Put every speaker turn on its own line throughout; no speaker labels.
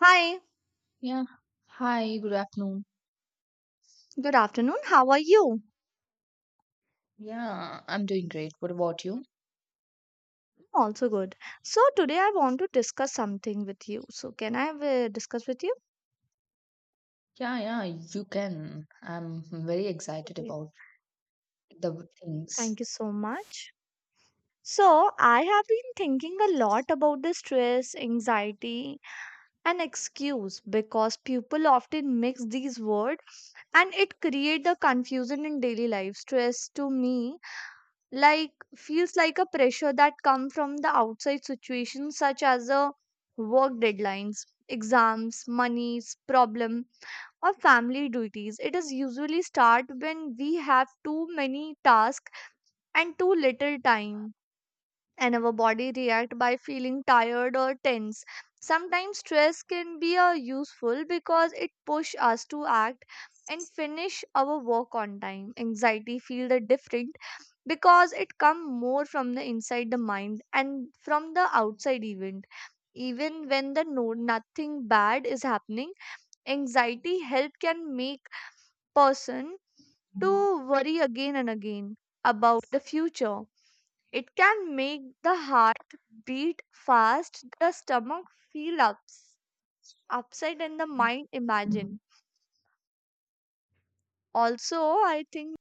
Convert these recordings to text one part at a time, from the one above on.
Hi,
Yeah. Hi, good afternoon.
good afternoon. How are you?
Yeah, I'm doing great. What about you?
I'm also good. So today I want to discuss something with you. So can I discuss with you?
Yeah, yeah, you can. I'm very excited
Okay.
about the things.
Thank you so much. So I have been thinking a lot about the stress, anxiety, and excuse because people often mix these words and it create the confusion in daily life. Stress to me like feels like a pressure that come from the outside situations such as a work deadlines exams monies problem or family duties, it is usually start when we have too many tasks and too little time and our body react by feeling tired or tense. Sometimes stress can be a useful because it push us to act and finish our work on time. Anxiety feel the different because it come more from the inside the mind and from the outside event, even when the no nothing bad is happening. Anxiety help can make person to worry again and again about the future. It can make the heart beat fast, the stomach feel ups upset and the mind imagine also. I think,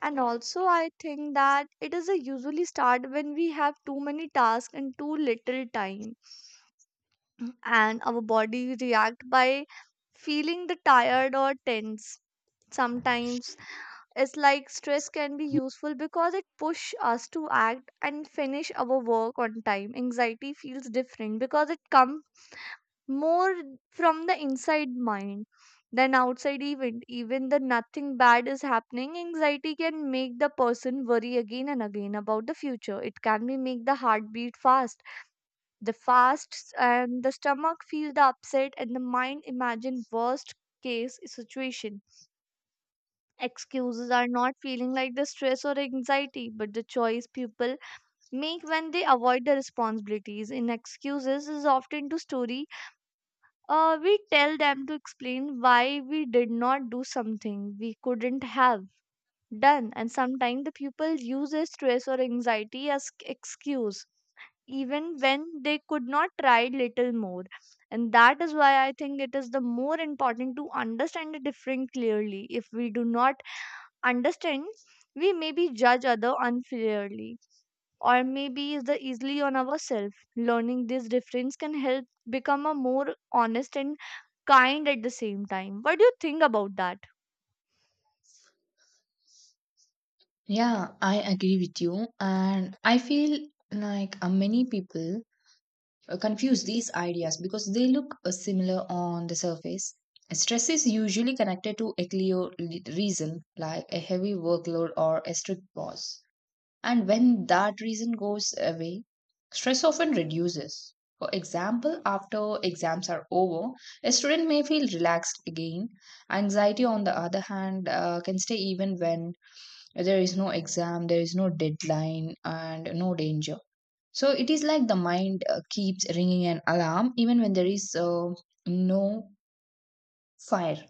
and also I think that it is a usually start when we have too many tasks and too little time, and our body react by feeling the tired or tense. Sometimes it's like stress can be useful because it push us to act and finish our work on time. Anxiety feels different because it comes more from the inside mind than outside event, even the nothing bad is happening. Anxiety can make the person worry again and again about the future. It can be make the heartbeat fast, the fasts and the stomach feel the upset and the mind imagine worst case situation. Excuses are not feeling like the stress or anxiety but the choice people make when they avoid the responsibilities in excuses is often to story, we tell them to explain why we did not do something we couldn't have done, and sometimes the pupil uses stress or anxiety as excuse, even when they could not try little more. And that is why I think it is the more important to understand the difference clearly. If we do not understand, we maybe judge other unfairly or maybe is the easily on ourselves. Learning this difference can help become a more honest and kind at the same time. What do you think about that?
Yeah, I agree with you. And I feel like many people confuse these ideas because they look similar on the surface. Stress is usually connected to a reason, like a heavy workload or a strict boss. And when that reason goes away, stress often reduces. For example, after exams are over, a student may feel relaxed again. Anxiety, on the other hand, can stay even when there is no exam, there is no deadline, and no danger. So it is like the mind keeps ringing an alarm even when there is no fire.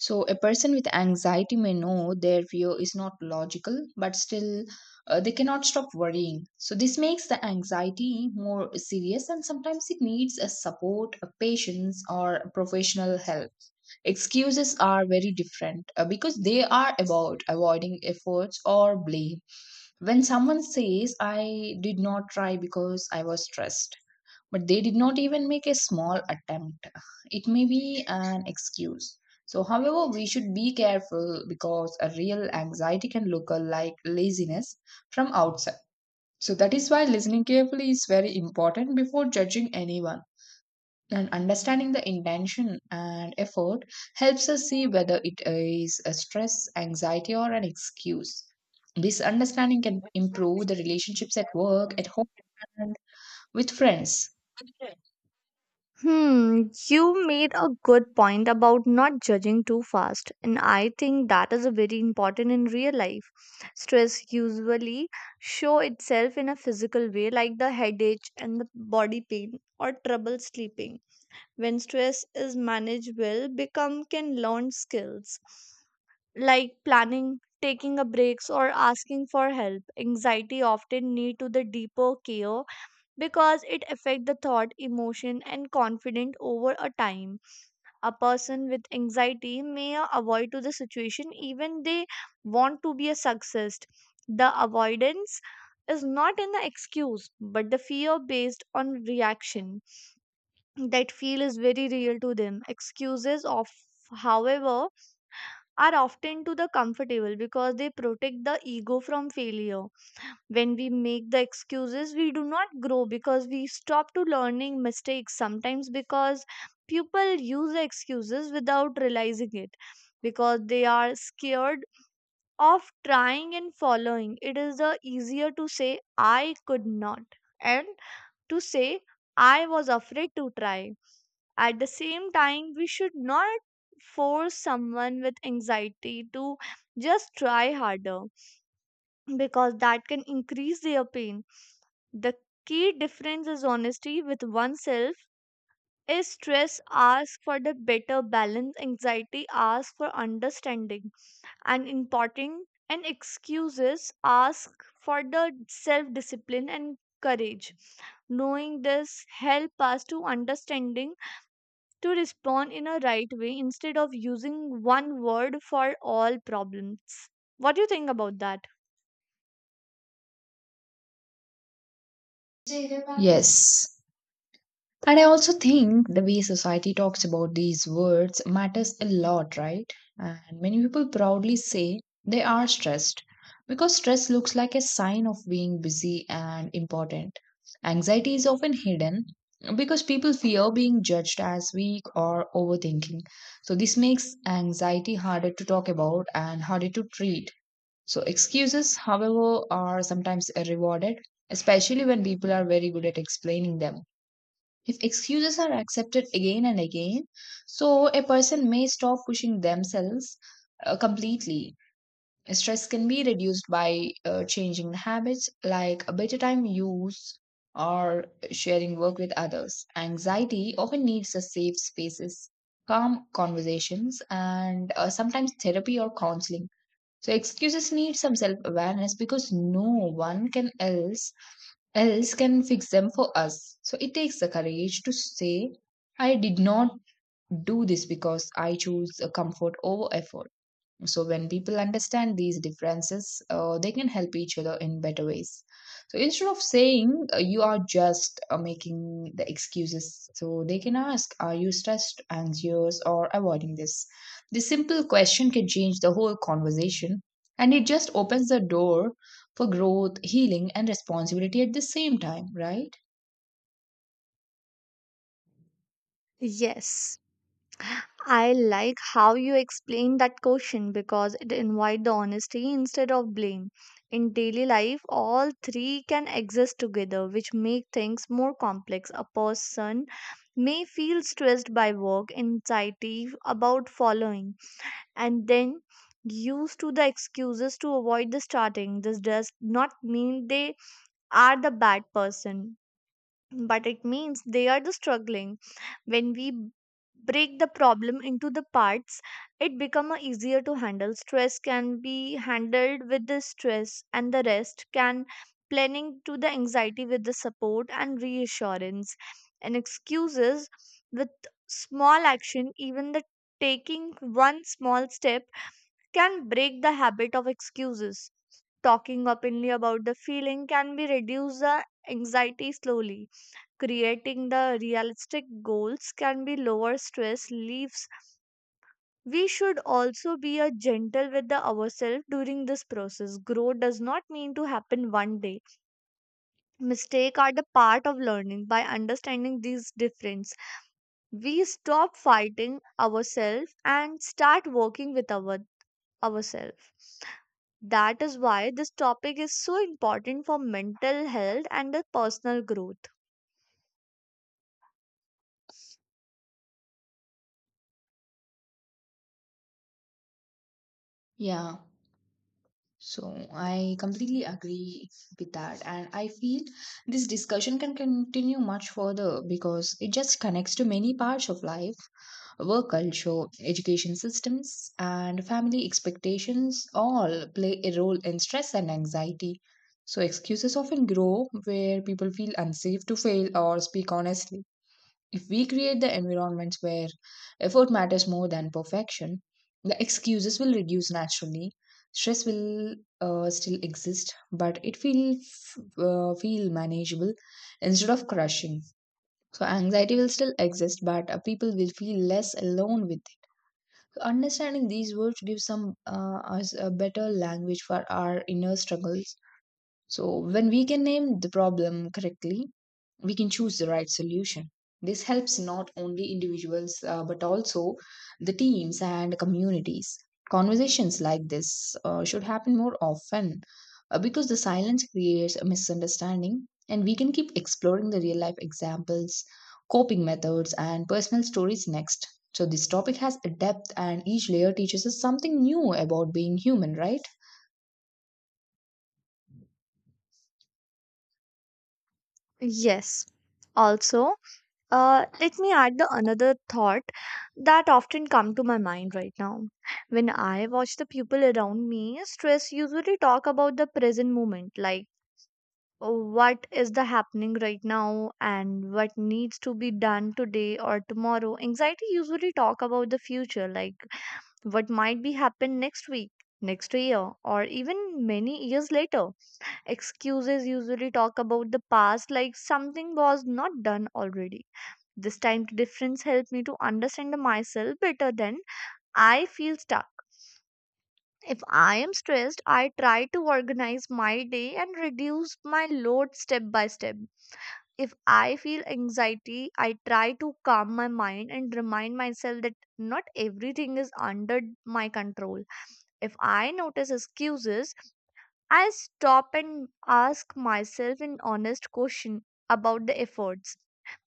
So, a person with anxiety may know their fear is not logical, but still they cannot stop worrying. So, this makes the anxiety more serious, and sometimes it needs a support, a patience, or professional help. Excuses are very different because they are about avoiding efforts or blame. When someone says, I did not try because I was stressed but they did not even make a small attempt. It may be an excuse. So, however, we should be careful because a real anxiety can look like laziness from outside. So, that is why listening carefully is very important before judging anyone. And understanding the intention and effort helps us see whether it is a stress, anxiety, or an excuse. This understanding can improve the relationships at work, at home, and with friends.
Hmm, you made a good point about not judging too fast, and I think that is a very important in real life. Stress usually show itself in a physical way like the headache and the body pain or trouble sleeping. When stress is managed well become can learn skills like planning, taking a breaks or asking for help. Anxiety often need to the deeper care because it affect the thought emotion and confident over a time. A person with anxiety may avoid to the situation even they want to be a success. The avoidance is not an excuse but the fear based on reaction that feel is very real to them. Excuses of however are often to the comfortable because they protect the ego from failure. When we make the excuses we do not grow because we stop to learning mistakes sometimes because people use the excuses without realizing it because they are scared of trying and following. It is the easier to say I could not and to say I was afraid to try. At the same time, we should not force someone with anxiety to just try harder because that can increase their pain. The key difference is honesty with oneself. Is stress ask for the better balance, anxiety ask for understanding, and important and excuses ask for the self discipline and courage. Knowing this help us to understanding to respond in a right way instead of using one word for all problems. What do you think about that?
Yes. And I also think the way society talks about these words matters a lot, right? And many people proudly say they are stressed because stress looks like a sign of being busy and important. Anxiety is often hidden because people fear being judged as weak or overthinking. So, this makes anxiety harder to talk about and harder to treat. So, excuses, however, are sometimes rewarded, especially when people are very good at explaining them. If excuses are accepted again and again, so a person may stop pushing themselves completely. Stress can be reduced by changing habits like a better time use or sharing work with others. Anxiety often needs a safe spaces, calm conversations, and sometimes therapy or counseling. So excuses need some self awareness because no one can else else can fix them for us. So it takes the courage to say, I did not do this because I chose comfort over effort. So when people understand these differences, they can help each other in better ways. So instead of saying you are just making the excuses, so they can ask, are you stressed, anxious, or avoiding this? This simple question can change the whole conversation, and it just opens the door for growth, healing, and responsibility at the same time, right?
Yes. I like how you explain that question because it invites the honesty instead of blame. In daily life, all three can exist together, which make things more complex. A person may feel stressed by work, anxiety about following and then used to the excuses to avoid the starting. This does not mean they are the bad person, but it means they are the struggling. When we break the problem into the parts, it become a easier to handle. Stress can be handled with the stress, and the rest can planning to the anxiety with the support and reassurance and excuses with small action, even the taking one small step can break the habit of excuses. Talking openly about the feeling can be reduce the anxiety slowly. Creating the realistic goals can be lower stress leaves. We should also be a gentle with the ourselves during this process. Growth does not mean to happen one day. Mistakes are the part of learning. By understanding these difference, we stop fighting ourselves and start working with our ourselves. That is why this topic is so important for mental health and the personal growth.
Yeah. So I completely agree with that. And I feel this discussion can continue much further because it just connects to many parts of life work culture, education systems, and family expectations all play a role in stress and anxiety. So excuses often grow where people feel unsafe to fail or speak honestly. If we create the environments where effort matters more than perfection, the excuses will reduce naturally. Stress will still exist, but it will feel manageable instead of crushing. So anxiety will still exist, but people will feel less alone with it. So understanding these words gives some us a better language for our inner struggles so, when we can name the problem correctly, we can choose the right solution. This helps not only individuals but also the teams and communities. Conversations like this should happen more often because the silence creates a misunderstanding, and we can keep exploring the real life examples, coping methods, and personal stories next. So, this topic has a depth, and each layer teaches us something new about being human, right?
Yes. Also, let me add the another thought that often come to my mind right now. When I watch the people around me, stress usually talk about the present moment, like what is the happening right now and what needs to be done today or tomorrow. Anxiety usually talk about the future, like what might be happen next week, next year or even many years later. Excuses usually talk about the past like something was not done already. This time difference helped me to understand myself better than I feel stuck. If I am stressed, I try to organize my day and reduce my load step by step. If I feel anxiety, I try to calm my mind and remind myself that not everything is under my control. If I notice excuses, I stop and ask myself an honest question about the efforts.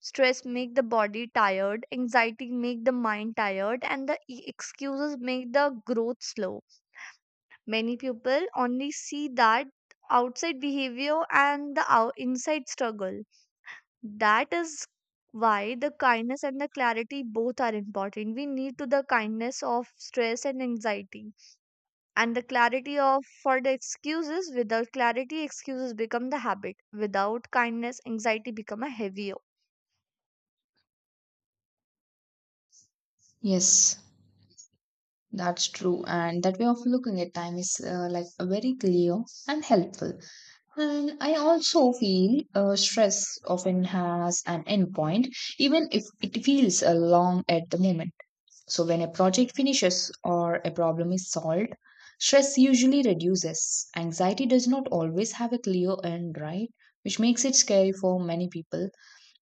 Stress make the body tired, anxiety make the mind tired, and the excuses make the growth slow. Many people only see that outside behavior and the inside struggle. That is why the kindness and the clarity both are important. We need to the kindness of stress and anxiety and the clarity of for the excuses. Without clarity excuses become the habit, without kindness anxiety become a heavier.
Yes. That's true, and that way of looking at time is like very clear and helpful. And I also feel stress often has an endpoint, even if it feels long at the moment. So, when a project finishes or a problem is solved, stress usually reduces. Anxiety does not always have a clear end, right? Which makes it scary for many people,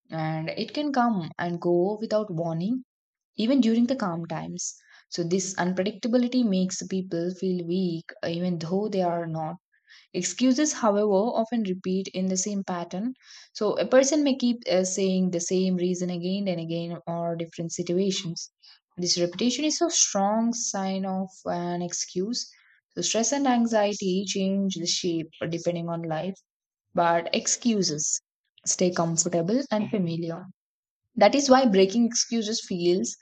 and it can come and go without warning even during the calm times. So, this unpredictability makes people feel weak, even though they are not. Excuses, however, often repeat in the same pattern. So, a person may keep saying the same reason again and again or different situations. This repetition is a strong sign of an excuse. So, stress and anxiety change the shape depending on life, but excuses stay comfortable and familiar. That is why breaking excuses feels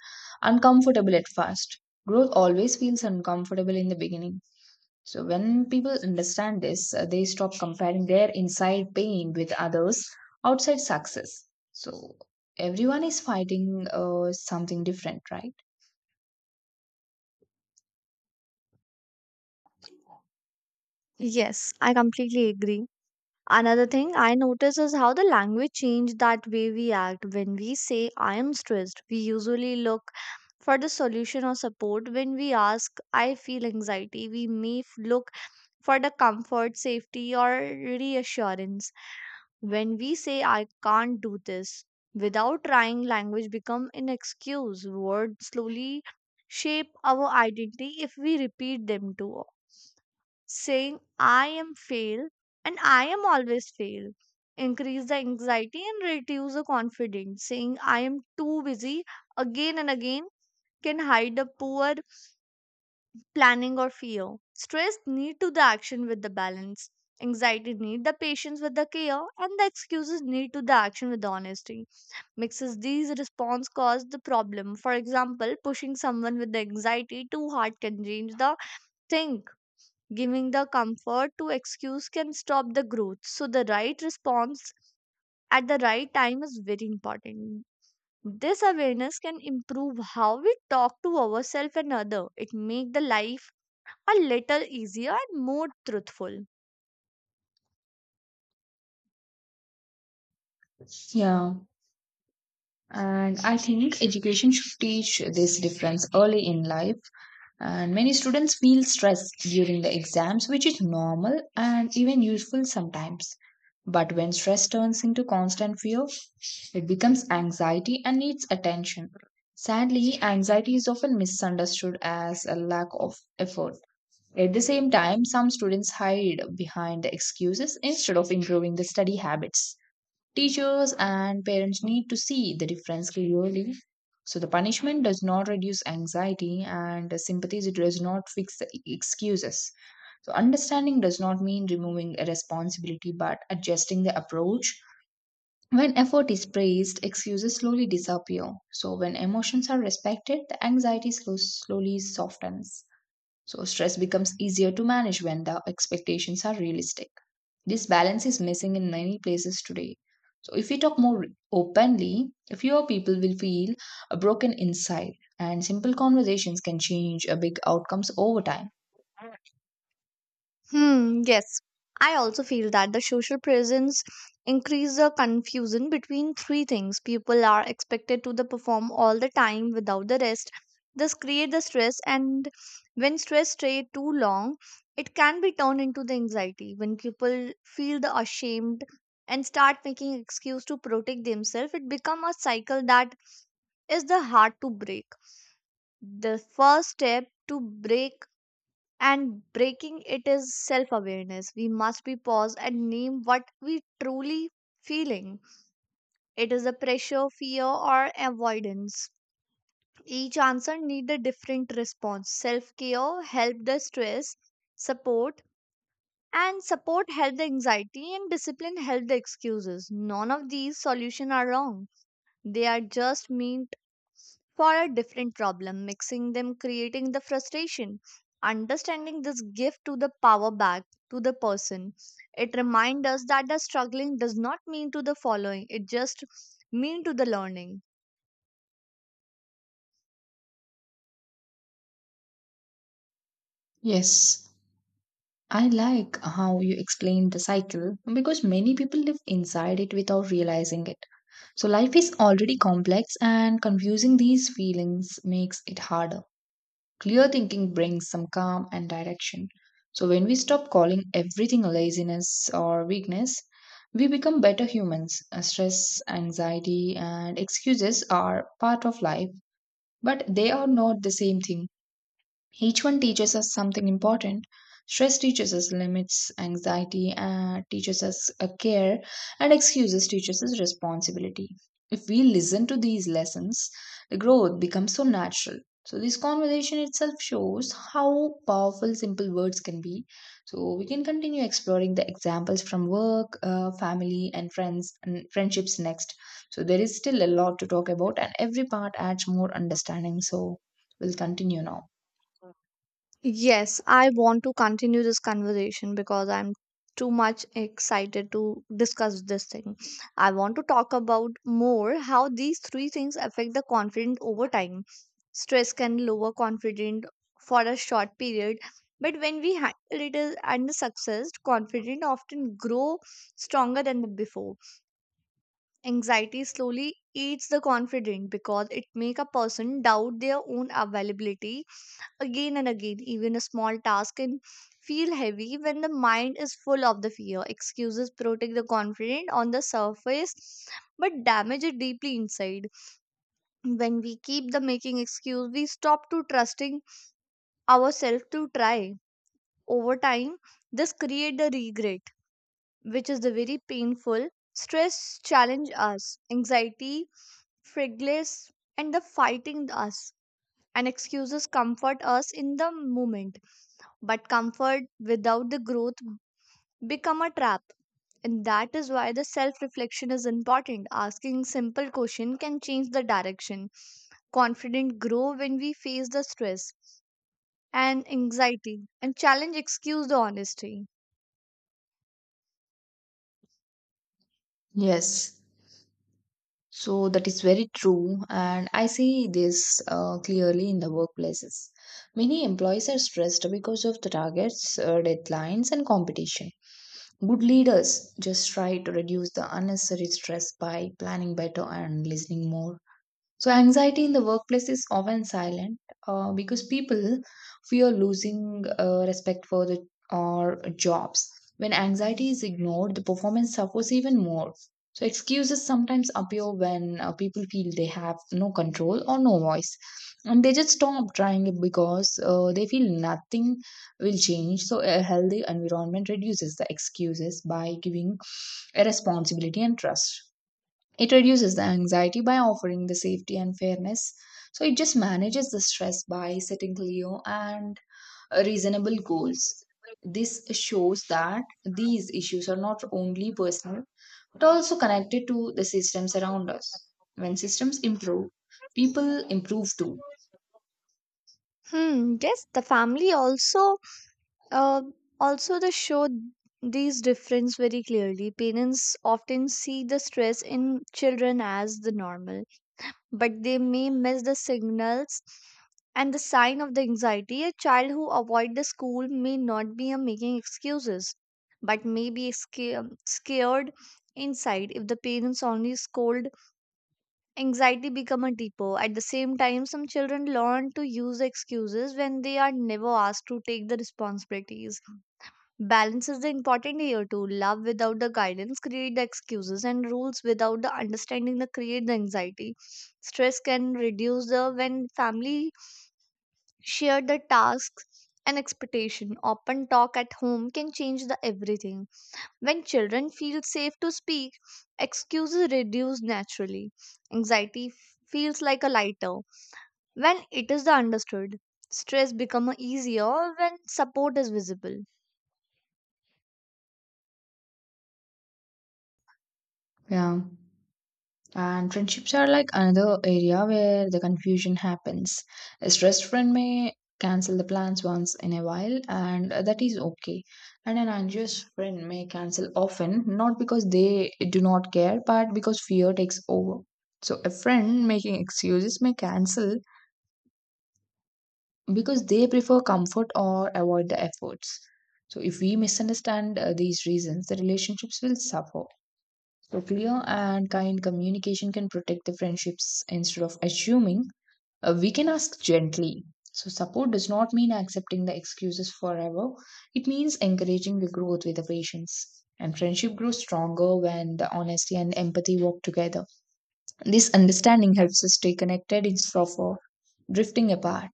uncomfortable at first. Growth always feels uncomfortable in the beginning. So, when people understand this, they stop comparing their inside pain with others' outside success. So, everyone is fighting something different, right?
Yes, I completely agree. Another thing I notice is how the language change that way we act. When we say I am stressed we usually look for the solution or support. When we ask I feel anxiety we may look for the comfort safety or reassurance. When we say I can't do this without trying, language become an excuse. Words slowly shape our identity if we repeat them too often. Saying I am fail and I am always fail increase the anxiety and reduce the confidence. Saying I am too busy again and again can hide the poor planning or fear. Stress need to the action with the balance. Anxiety need the patience with the care and the excuses need to the action with the honesty. Mixes these response cause the problem. For example, pushing someone with the anxiety too hard can change the think. Giving the comfort to excuse can stop the growth. So the right response at the right time is very important. This awareness can improve how we talk to ourselves and other. It make the life a little easier and more truthful.
Yeah. And I think education should teach this difference early in life. And many students feel stress during the exams, which is normal and even useful sometimes. But when stress turns into constant fear, it becomes anxiety and needs attention. Sadly, anxiety is often misunderstood as a lack of effort. At the same time, some students hide behind the excuses instead of improving the study habits. Teachers and parents need to see the difference clearly. So the punishment does not reduce anxiety and the sympathy it does not fix the excuses. So understanding does not mean removing a responsibility but adjusting the approach. When effort is praised, excuses slowly disappear. So when emotions are respected, the anxiety slowly softens. So stress becomes easier to manage when the expectations are realistic. This balance is missing in many places today. So, if we talk more openly, fewer people will feel broken inside, and simple conversations can change big outcomes over time.
Hmm, yes. I also feel that the social presence increase the confusion between three things. People are expected to the perform all the time without the rest. This create the stress and when stress stay too long, it can be turned into the anxiety. When people feel the ashamed and start making excuse to protect themselves, it become a cycle that is the hard to break. The first step to break and breaking it is self awareness. We must be pause and name what we truly feeling. It is a pressure fear or avoidance. Each answer need a different response. Self care help the stress, support support help the anxiety and discipline help the excuses. None of these solutions are wrong, they are just mean for a different problem, mixing them, creating the frustration. Understanding this gift to the power back to the person. It reminds us that the struggling does not mean to the following, it just mean to the learning.
Yes, I like how you explained the cycle because many people live inside it without realizing it. So, life is already complex, and confusing these feelings makes it harder. Clear thinking brings some calm and direction. So, when we stop calling everything laziness or weakness, we become better humans. Stress, anxiety, and excuses are part of life, but they are not the same thing. Each one teaches us something important. Stress teaches us limits, anxiety teaches us care, and excuses teaches us responsibility. If we listen to these lessons, the growth becomes so natural. So, this conversation itself shows how powerful simple words can be. So, we can continue exploring the examples from work, family, and friends and friendships next. So, there is still a lot to talk about, and every part adds more understanding. So, we'll continue now.
Yes, I want to continue this conversation because I'm too much excited to discuss this thing. I want to talk about more how these three things affect the confident over time. Stress can lower confident for a short period, but when we handle it and the success, confident often grow stronger than the before. Anxiety slowly eats the confident because it make a person doubt their own availability again and again. Even a small task can feel heavy when the mind is full of the fear. Excuses protect the confident on the surface but damage it deeply inside. When we keep the making excuse, we stop to trusting ourselves to try. Over time, this create the regret, which is the very painful. Stress challenge us, anxiety, frivolous, and the fighting us. And excuses comfort us in the moment but comfort without the growth become a trap, and that is why the self reflection is important. Asking simple question can change the direction. Confident grow when we face the stress and anxiety and challenge excuse the honesty.
Yes, so that is very true, and I see this clearly in the workplaces. Many employees are stressed because of the targets, deadlines, and competition. Good leaders just try to reduce the unnecessary stress by planning better and listening more. So, anxiety in the workplace is often silent because people fear losing respect for the or jobs. When anxiety is ignored, the performance suffers even more. So, excuses sometimes appear when people feel they have no control or no voice. And they just stop trying it because they feel nothing will change. So, a healthy environment reduces the excuses by giving a responsibility and trust. It reduces the anxiety by offering the safety and fairness. So it just manages the stress by setting clear and reasonable goals. This shows that these issues are not only personal but also connected to the systems around us. When systems improve, people improve too.
Hmm, yes, the family also uh, also the show these difference very clearly. Parents often see the stress in children as the normal, but they may miss the signals and the sign of the anxiety. A child who avoid the school may not be making excuses, but may be scared inside. If the parents only scold, anxiety become a depot. At the same time, some children learn to use the excuses when they are never asked to take the responsibilities. Balance is the important here too. Love without the guidance create the excuses, and rules without the understanding the create the anxiety. Stress can reduce the when family share the tasks and expectation. Open talk at home can change the everything. When children feel safe to speak, excuses reduce naturally. Anxiety f- feels like a lighter when it is the understood. Stress become easier when support is visible.
Yeah. And friendships are like another area where the confusion happens. A stressed friend may cancel the plans once in a while, and that is okay. And an anxious friend may cancel often, not because they do not care, but because fear takes over. So, a friend making excuses may cancel because they prefer comfort or avoid the efforts. So, if we misunderstand these reasons, the relationships will suffer. So clear and kind communication can protect the friendships instead of assuming. We can ask gently. So support does not mean accepting the excuses forever. It means encouraging the growth with the patience. And friendship grows stronger when the honesty and empathy work together. This understanding helps us stay connected instead of drifting apart.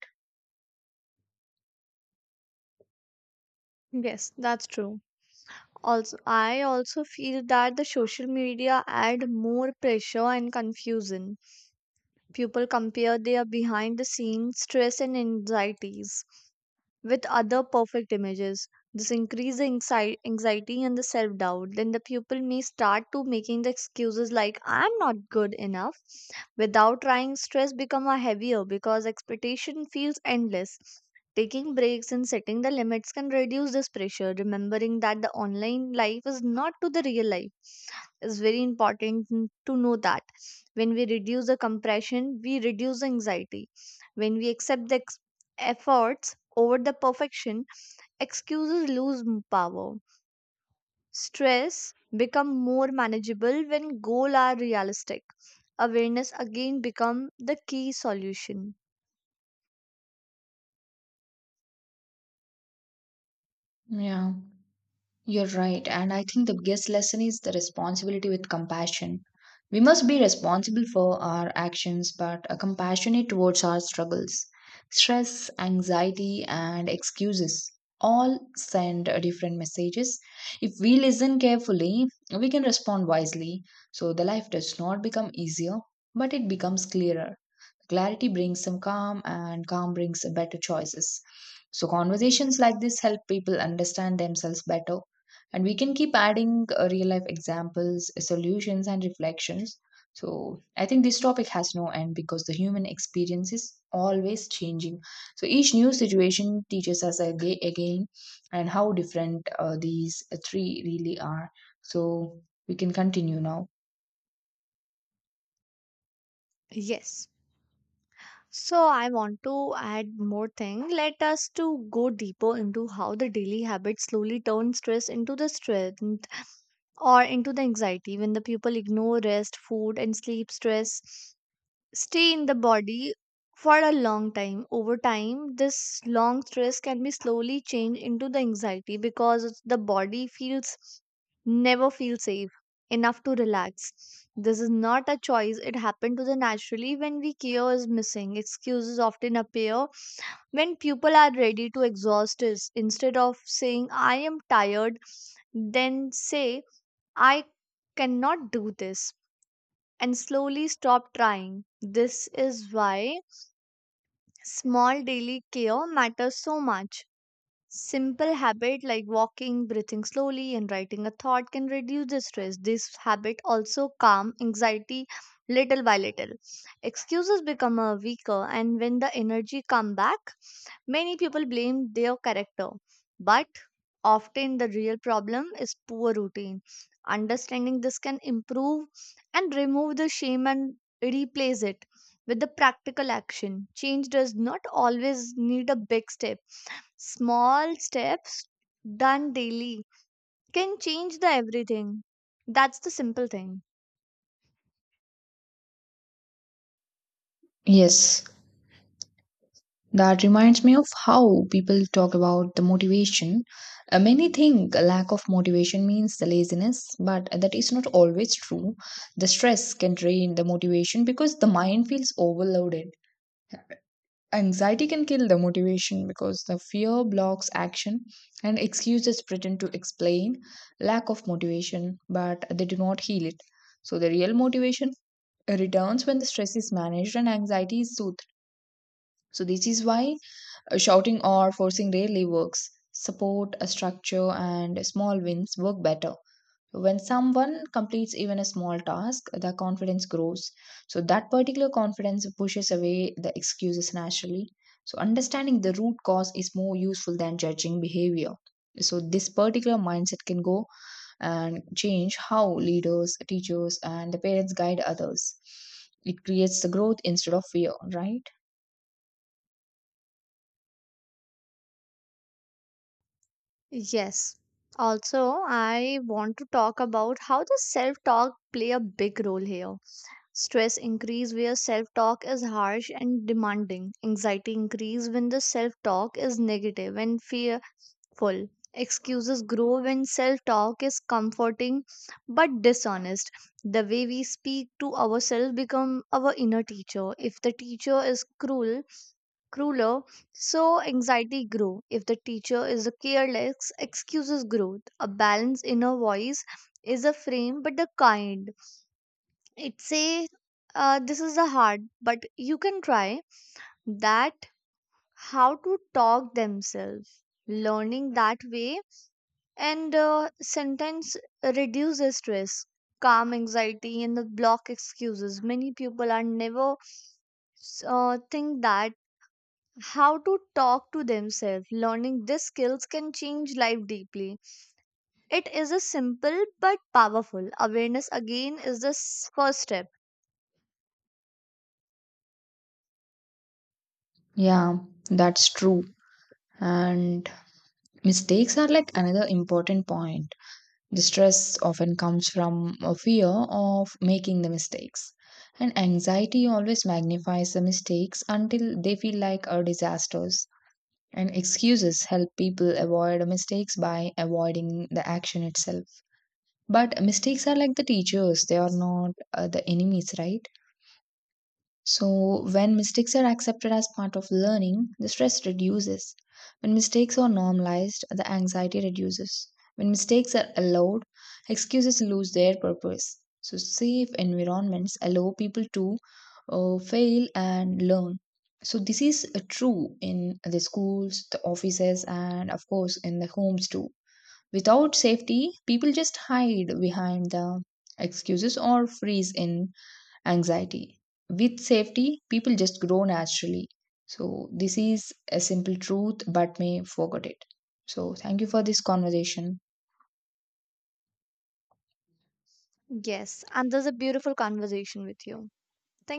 Yes, that's true. Also, I also feel that the social media add more pressure and confusion. People compare their behind the scenes stress and anxieties with other perfect images. This increases the anxiety and the self doubt. Then the pupil may start to making the excuses like "I'm not good enough." Without trying, stress become a heavier because expectation feels endless. Taking breaks and setting the limits can reduce this pressure. Remembering that the online life is not to the real life is very important to know that when we reduce the compression we reduce anxiety, when we accept the efforts over the perfection, excuses lose power, stress become more manageable when goals are realistic, awareness again become the key solution.
Yeah. You're right. And I think the biggest lesson is the responsibility with compassion. We must be responsible for our actions, but compassionate towards our struggles. Stress, anxiety, and excuses all send different messages. If we listen carefully, we can respond wisely. So the life does not become easier, but it becomes clearer. Clarity brings some calm, and calm brings better choices. So, conversations like this help people understand themselves better. And we can keep adding real life examples, solutions, and reflections. So, I think this topic has no end because the human experience is always changing. So, each new situation teaches us again and how different these three really are. So, we can continue now.
Yes, so I want to add more thing. Let us to go deeper into how the daily habits slowly turn stress into the strength or into the anxiety. When the people ignore rest, food, and sleep, stress stay in the body for a long time. Over time, this long stress can be slowly changed into the anxiety because the body feels never feel safe enough to relax. This is not a choice. It happened to the naturally when we care is missing. Excuses often appear when people are ready to exhaust us. Instead of saying I am tired, then say I cannot do this and slowly stop trying. This is why small daily care matters so much. Simple habit like walking, breathing slowly, and writing a thought can reduce the stress. This habit also calm anxiety little by little. Excuses become a weaker, and when the energy come back, many people blame their character, but often the real problem is poor routine. Understanding this can improve and remove the shame and replace it with the practical action. Change does not always need a big step, small steps done daily can change the everything. That's the simple thing.
Yes. That reminds me of how people talk about the motivation. Many think a lack of motivation means the laziness, but that is not always true. The stress can drain the motivation because the mind feels overloaded. Anxiety can kill the motivation because the fear blocks action and excuses pretend to explain lack of motivation, but they do not heal it. So, the real motivation returns when the stress is managed and anxiety is soothed. So, this is why shouting or forcing rarely works. Support, a structure, and small wins work better. When someone completes even a small task, their confidence grows. So, that particular confidence pushes away the excuses naturally. So, understanding the root cause is more useful than judging behavior. So, this particular mindset can go and change how leaders, teachers, and the parents guide others. It creates the growth instead of fear, right?
Yes. Also, I want to talk about how the self-talk play a big role here. Stress increase where self-talk is harsh and demanding. Anxiety increase when the self-talk is negative and fearful. Excuses grow when self-talk is comforting but dishonest. The way we speak to ourselves become our inner teacher. If the teacher is cruel, crueler, so anxiety grew. If the teacher is a careless, excuses growth. A balanced inner voice is a frame, but a kind. It say, "This is a hard, but you can try." That how to talk themselves. Learning that way and sentence reduces stress, calm anxiety, and the block excuses. Many people are never think that how to talk to themselves. Learning these skills can change life deeply. It is a simple but powerful. Awareness again is the first step.
Yeah, that's true. And mistakes are like another important point. The stress often comes from a fear of making the mistakes. And anxiety always magnifies the mistakes until they feel like a disasters. And excuses help people avoid mistakes by avoiding the action itself. But mistakes are like the teachers, they are not the enemies, right? So, when mistakes are accepted as part of learning, the stress reduces. When mistakes are normalized, the anxiety reduces. When mistakes are allowed, excuses lose their purpose. So, safe environments allow people to fail and learn. So, this is true in the schools, the offices, and of course, in the homes too. Without safety, people just hide behind the excuses or freeze in anxiety. With safety, people just grow naturally. So, this is a simple truth, but may forget it. So, thank you for this conversation.
Yes, and there's a beautiful conversation with you. Thank